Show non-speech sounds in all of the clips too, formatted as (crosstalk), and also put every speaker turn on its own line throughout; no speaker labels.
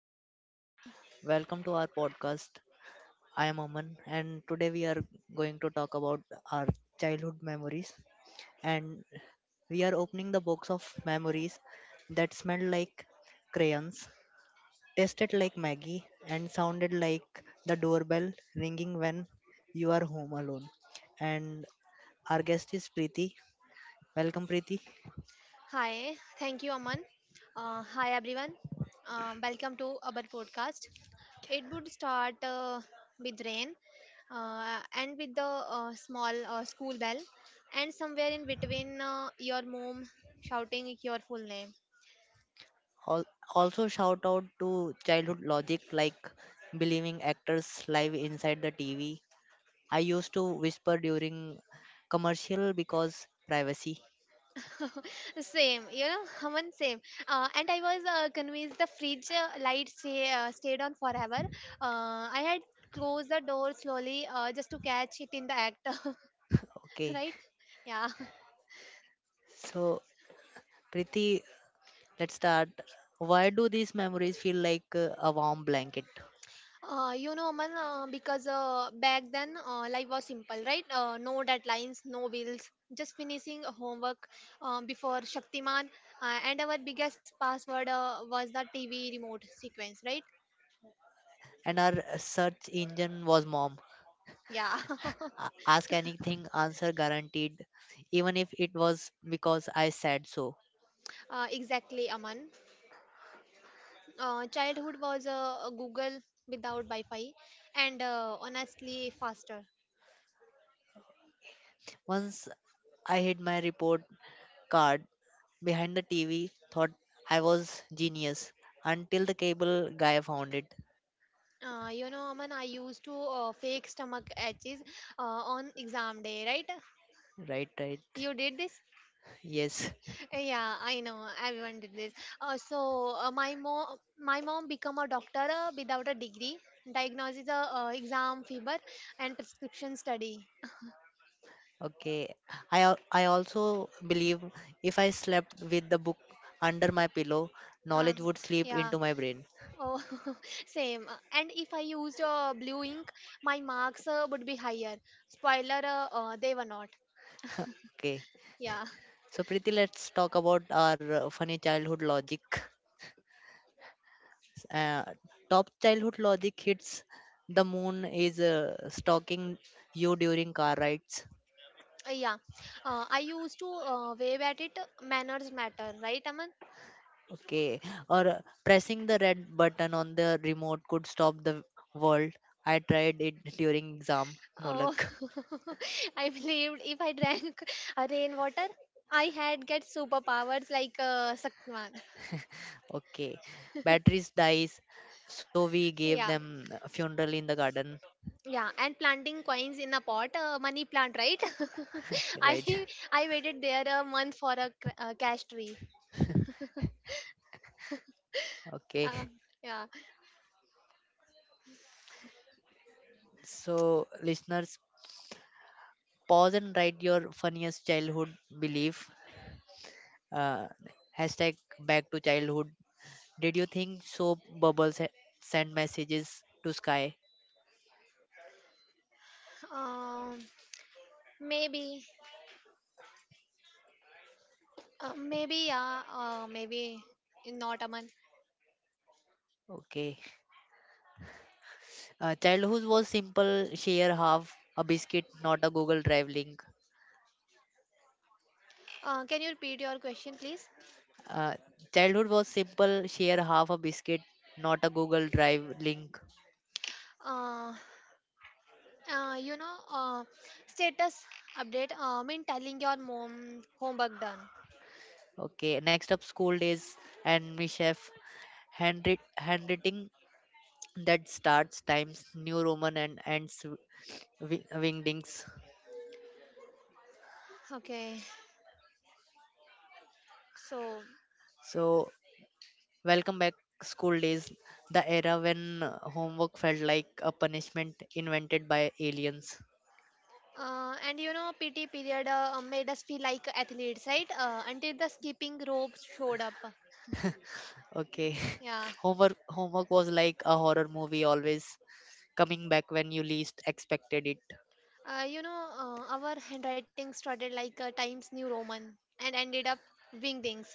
everyone. Welcome to our podcast. I am Aman and today we are going to talk about our childhood memories and we are opening the box of memories that smelled like crayons, tasted like Maggie and sounded like the doorbell ringing when you are home alone. And our guest is Preeti. Welcome Preeti.
Hi, thank you, Aman. Hi, everyone. Welcome to our podcast. It would start with rain and with the small school bell, and somewhere in between, your mom shouting your full name.
Al- Also, shout out to childhood logic like believing actors live inside the TV. I used to whisper during commercial because privacy.
Same, you know, (laughs) Aman, same. And I was convinced the fridge light stayed on forever. I had closed the door slowly just to catch it in the act, (laughs)
Okay,
right? Yeah.
so Priti, let's start. Why do these memories feel like a warm blanket?
You know, man, because back then life was simple, right? No deadlines, no bills, just finishing homework before Shaktiman. And our biggest password was the TV remote sequence, right?
And our search engine was mom.
Yeah,
Ask anything, answer guaranteed, even if it was because I said so.
(laughs) exactly, Aman. Childhood was Google without Wi Fi and honestly faster.
Once I hid my report card behind the TV, thought I was genius until the cable guy found it.
You know, Aman, I used to fake stomach aches on exam day, right?
Right, right.
You did this?
(laughs) Yes.
Yeah, I know. Everyone did this. So my mom become a doctor without a degree. Diagnosis a exam fever and prescription study.
Okay. I also believe if I slept with the book under my pillow, knowledge
Um,
would sleep
yeah.
into my brain.
Oh, (laughs) same. And if I used blue ink, my marks would be higher. Spoiler, they were not.
Okay.
Yeah.
So Preeti, let's talk about our funny childhood logic. Uh, top childhood logic hits: the moon is stalking you during car rides.
Yeah. I used to wave at it. Manners matter, right, Aman?
Okay. Or pressing the red button on the remote could stop the world. I tried it during exam. No
Oh,
luck.
(laughs) I believed if I drank (laughs) a rainwater, I had get superpowers like Sakman.
Okay. Batteries dies, so we gave
Yeah,
them a funeral in the garden.
yeah, and planting coins in a pot, money plant, right? (laughs) I
Right.
I waited there a month for a cash tree. Uh,
Okay.
yeah,
So listeners, pause and write your funniest childhood belief. Uh, hashtag back to childhood. Did you think soap bubbles send messages to sky?
um, maybe, maybe, yeah, maybe not a month.
Okay. Childhood was simple, share half a biscuit, not a Google Drive link.
Can you repeat your question, please?
Uh, childhood was simple, share half a biscuit, not a Google Drive link.
Uh. You know status update mean telling your mom homework done.
Okay, next up school days and me, chef, handwriting that starts times New Roman and ends wingdings.
Okay, so
So, welcome back school days, the era when homework felt like a punishment invented by aliens.
and you know PT period made us feel like athletes, right, until the skipping ropes showed up.
Okay. (laughs)
Yeah.
Homework was like a horror movie, always coming back when you least expected it.
You know, our handwriting started like times new roman and ended up wingdings.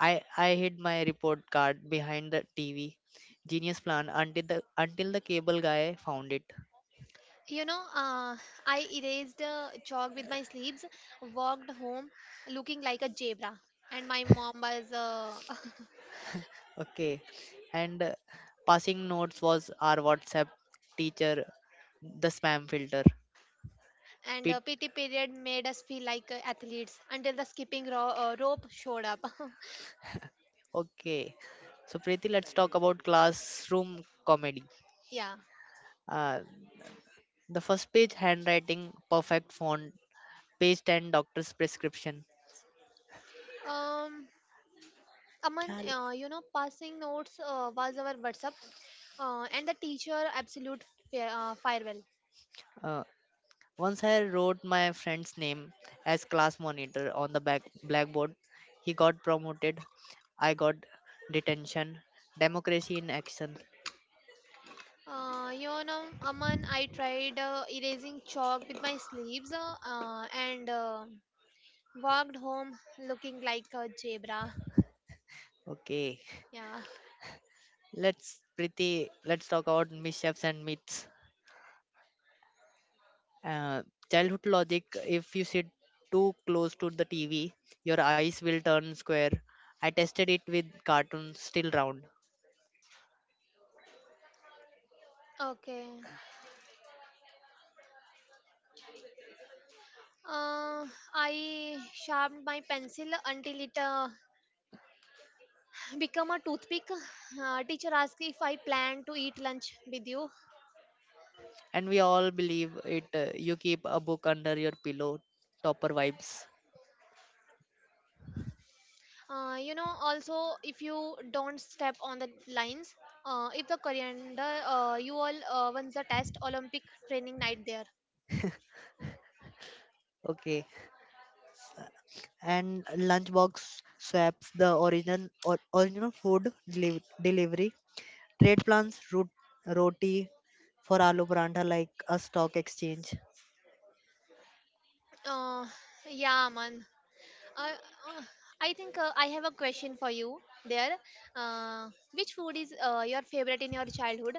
I hid my report card behind the TV. Genius plan until the cable guy found it.
(laughs) You know, I erased chalk with my sleeves, walked home looking like a zebra, and my mom was
Okay. And passing notes was our WhatsApp, teacher the spam filter.
And
Pit.
PT period made us feel like athletes until the skipping rope showed up.
Okay. So Preeti, let's talk about classroom comedy.
(laughs) Yeah.
Uh, the first page handwriting, perfect font, page 10 doctor's prescription.
Um, Aman,
क्या लिख-
you know, passing notes was our WhatsApp, and the teacher absolute firewall.
Uh, once I wrote my friend's name as class monitor on the back blackboard. He got promoted. I got detention. Democracy in action.
You know, Aman, I tried erasing chalk with my sleeves, and walked home looking like a zebra.
Okay,
Yeah.
let's pretty. Let's talk about mishaps and myths. Uh, childhood logic: if you sit too close to the TV, your eyes will turn square. I tested it with cartoons, still round.
Okay. Uh, I sharpened my pencil until it become a toothpick. Teacher asks if I plan to eat lunch with you.
And we all believe it, you keep a book under your pillow, topper vibes.
You know, also if you don't step on the lines, if the coriander, you all wins the test olympic training night there.
Okay. And lunchbox swaps, the original or original food delivery. Trade plans, root roti for aloo paranta like a stock exchange.
Uh, yeah, man. uh, uh, I think I have a question for you there. Which food is your favorite in your childhood?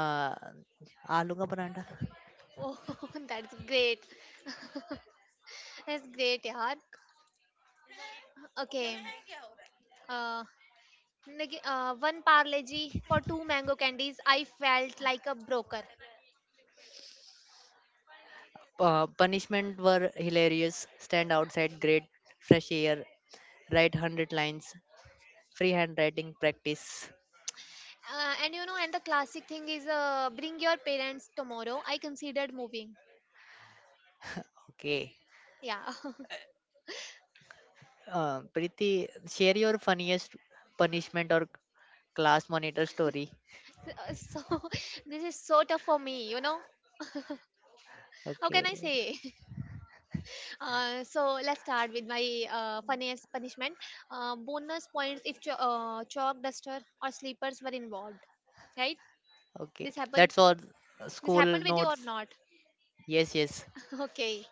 Uh, aloo ka paranta.
(laughs) Oh, that's great. That's great, yaar. Okay. uh, One parleji for two mango candies. I felt like a broker.
Uh, punishment were hilarious: stand outside, great fresh air, write 100 lines, free handwriting practice.
And you know, and the classic thing is, bring your parents tomorrow. I considered moving.
Okay.
Yeah, (laughs)
Preeti, share your funniest punishment or class monitor story.
Uh, so (laughs) this is so tough for me, you know. How can I
Okay,
say? (laughs) So let's start with my funniest punishment. Bonus points if chalk duster or sleepers were involved, right?
okay.
This happened.
That's all,
This
school
happened with you or
notes.
not?
Yes, yes,
(laughs) Okay,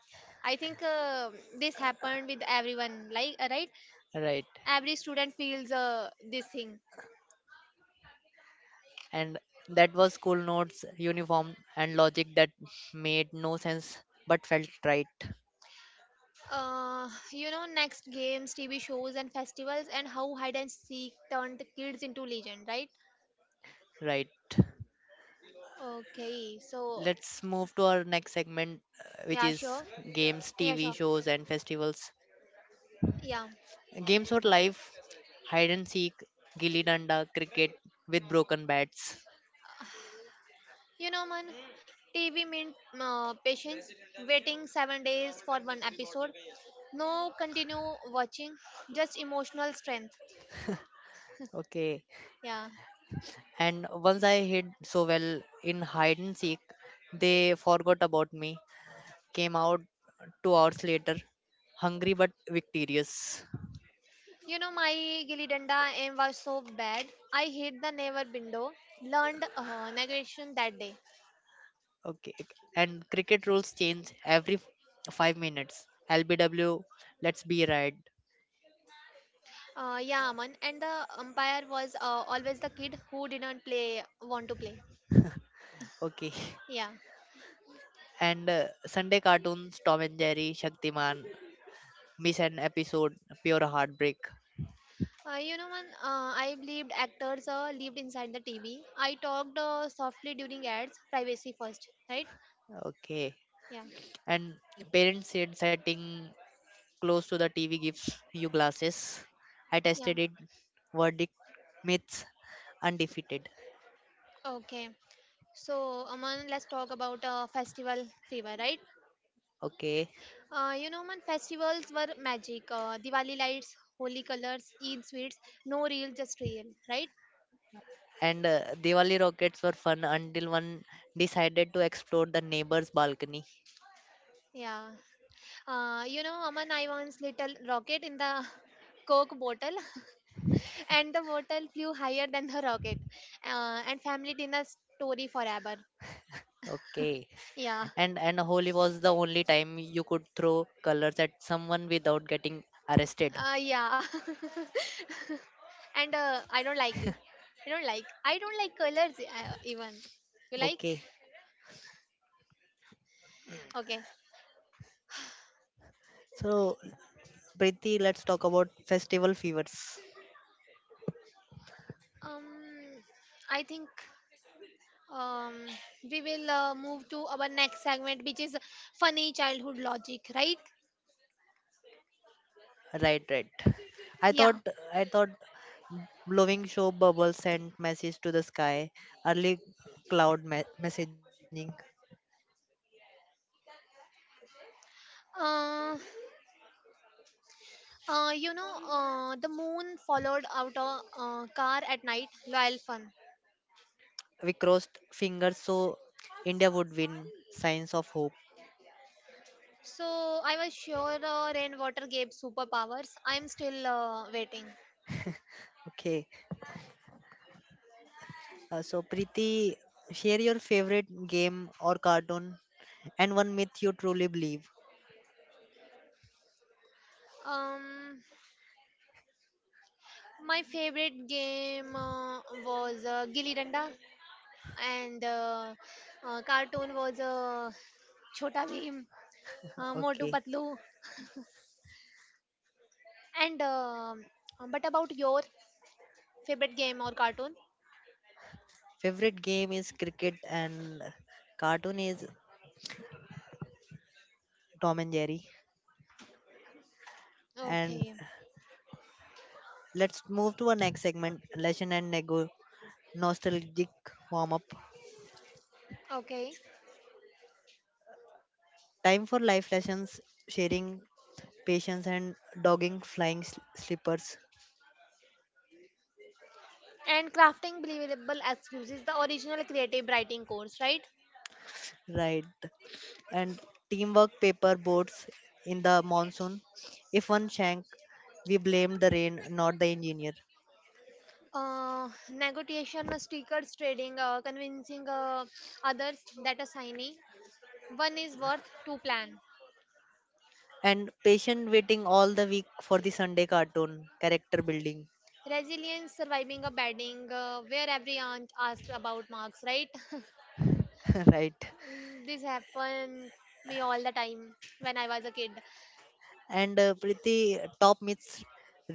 I think this happened with everyone, like, right?
right.
Every student feels this thing.
And that was school notes, uniform, and logic that made no sense but felt right.
You know, next games, TV shows, and festivals, and how hide and seek turned kids into legend, right?
Right.
Okay, so
Let's move to our next segment, which
yeah, sure,
is games,
yeah,
TV
sure,
shows, and festivals.
yeah.
Games for life, hide and seek, gilly danda, cricket with broken bats.
You know, man, TV meant patience, waiting 7 days for one episode, no continue watching, just emotional strength.
Okay.
Yeah.
And once I hid so well in hide and seek, they forgot about me. Came out two hours later, hungry but victorious.
You know, my gilli danda aim was so bad. I hit the neighbor window, learned negotiation that day.
Okay, ok. And cricket rules change every five minutes. LBW, let's be right.
Yeah, Aman. And the umpire was always the kid who didn't play, want to play.
Okay. (laughs)
Yeah.
And Sunday cartoons, Tom and Jerry, Shaktiman, miss an episode, pure heartbreak.
You know, man, I believed actors lived inside the TV. I talked softly during ads, privacy first, right?
Okay.
Yeah.
And parents said setting close to the TV gives you glasses. I
Yeah.
tested it. Verdict: myths undefeated.
Okay. So, Aman, let's talk about festival fever, right?
Okay.
You know, man, festivals were magic. Diwali lights, holy colors, Eid sweets, no real, just real, right?
And Diwali rockets were fun until one decided to explode the neighbor's balcony.
Yeah. You know, Aman, I once lit a rocket in the (laughs) Coke bottle, (laughs) and the bottle flew higher than the rocket. And family dinner story forever.
Okay.
Yeah.
And Holi was the only time you could throw colors at someone without getting arrested.
Yeah. (laughs) And I don't like this. I don't like. I don't like colors even. You like?
Okay.
Okay.
So Preeti, let's talk about festival fevers.
Um, I think. um, we will move to our next segment, which is funny childhood logic, right?
Right, right. I
Yeah.
thought I thought blowing soap bubbles sent message to the sky. Early messaging.
Uh, you know, the moon followed out a car at night, loyal fun.
We crossed fingers so India would win. Signs of hope.
So I was sure rainwater gave superpowers. I'm still waiting.
Okay. So Preeti, share your favorite game or cartoon and one myth you truly believe.
Um, my favorite game was Gilli Danda, and cartoon was Chota Bheem, Motu
Okay.
Patlu. And but about your favorite game or cartoon?
Favorite game is cricket and cartoon is Tom and Jerry. And
Okay,
let's move to our next segment, lesson and nego nostalgic warm up.
okay.
Time for life lessons, sharing patience and dogging flying slippers.
And crafting believable excuses, the original creative writing course, right?
Right. And teamwork, paper boats in the monsoon. If one sank, we blame the rain, not the engineer.
Negotiation, stickers, trading, convincing others that a signing one is worth two plan.
And patient waiting all the week for the Sunday cartoon, character building.
Resilience, surviving a bedding, where every aunt asks about marks, right?
(laughs) Right.
(laughs) This happened me all the time when I was a kid.
And pretty top myths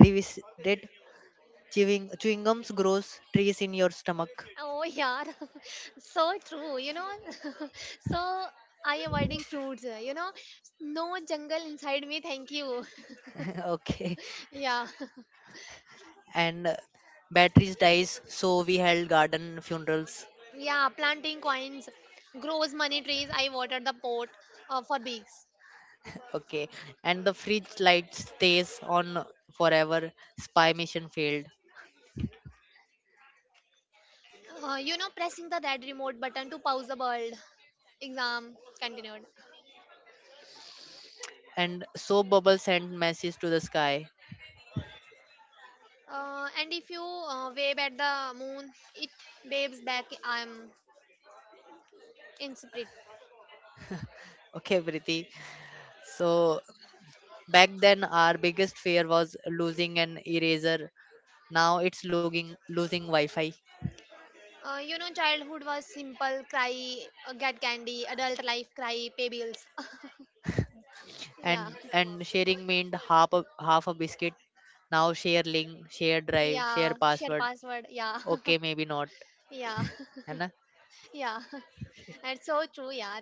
revisited. Chewing gums grows trees in your stomach.
Oh yeah, (laughs) so true. You know, (laughs) so I avoiding fruits. You know, no jungle inside me. Thank you. (laughs)
(laughs) Okay.
Yeah, (laughs)
And batteries dies so we held garden funerals.
yeah. Planting coins, grows money trees. I water the pot for beaks.
(laughs) Okay. And the fridge light stays on forever, spy mission failed.
You know, pressing the red remote button to pause the world. Exam continued.
And soap bubbles sent messages to the sky.
And if you wave at the moon, it waves back. I'm in spirit.
(laughs) Okay Priti. So back then our biggest fear was losing an eraser, now it's losing wi-fi.
You know, childhood was simple cry, get candy, adult life cry, pay bills. (laughs)
and
Yeah,
and sharing meant half a biscuit, now share link, share drive, share
yeah, share
password.
password. Yeah,
Okay, maybe not.
(laughs) yeah,
है ना.
(laughs) yeah. That's so true, yeah.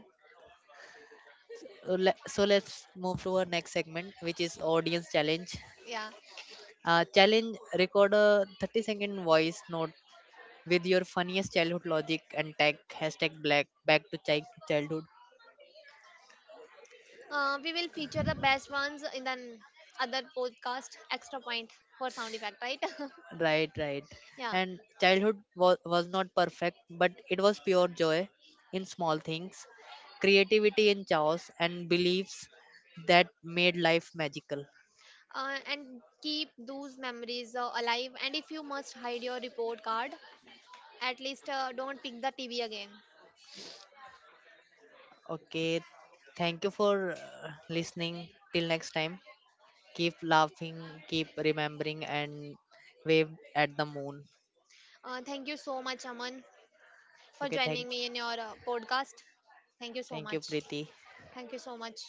So let's move to our next segment, which is audience challenge.
Yeah.
Challenge: record a 30-second voice note with your funniest childhood logic and tag hashtag black childhood.
We will feature the best ones in the other podcast, extra point for sound effect, right?
Right, right.
(laughs) Yeah.
And childhood was not perfect, but it was pure joy in small things, creativity in chaos, and beliefs that made life magical.
And keep those memories alive. And if you must hide your report card, at least don't pick the TV again.
Okay, thank you for listening. Till next time. Keep laughing, keep remembering, and wave at the moon.
Thank you so much, Aman, for
Okay,
joining me in your podcast. Thank you so
thank you,
much.
Preeti.
Thank you so much.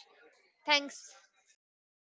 Thanks for joining.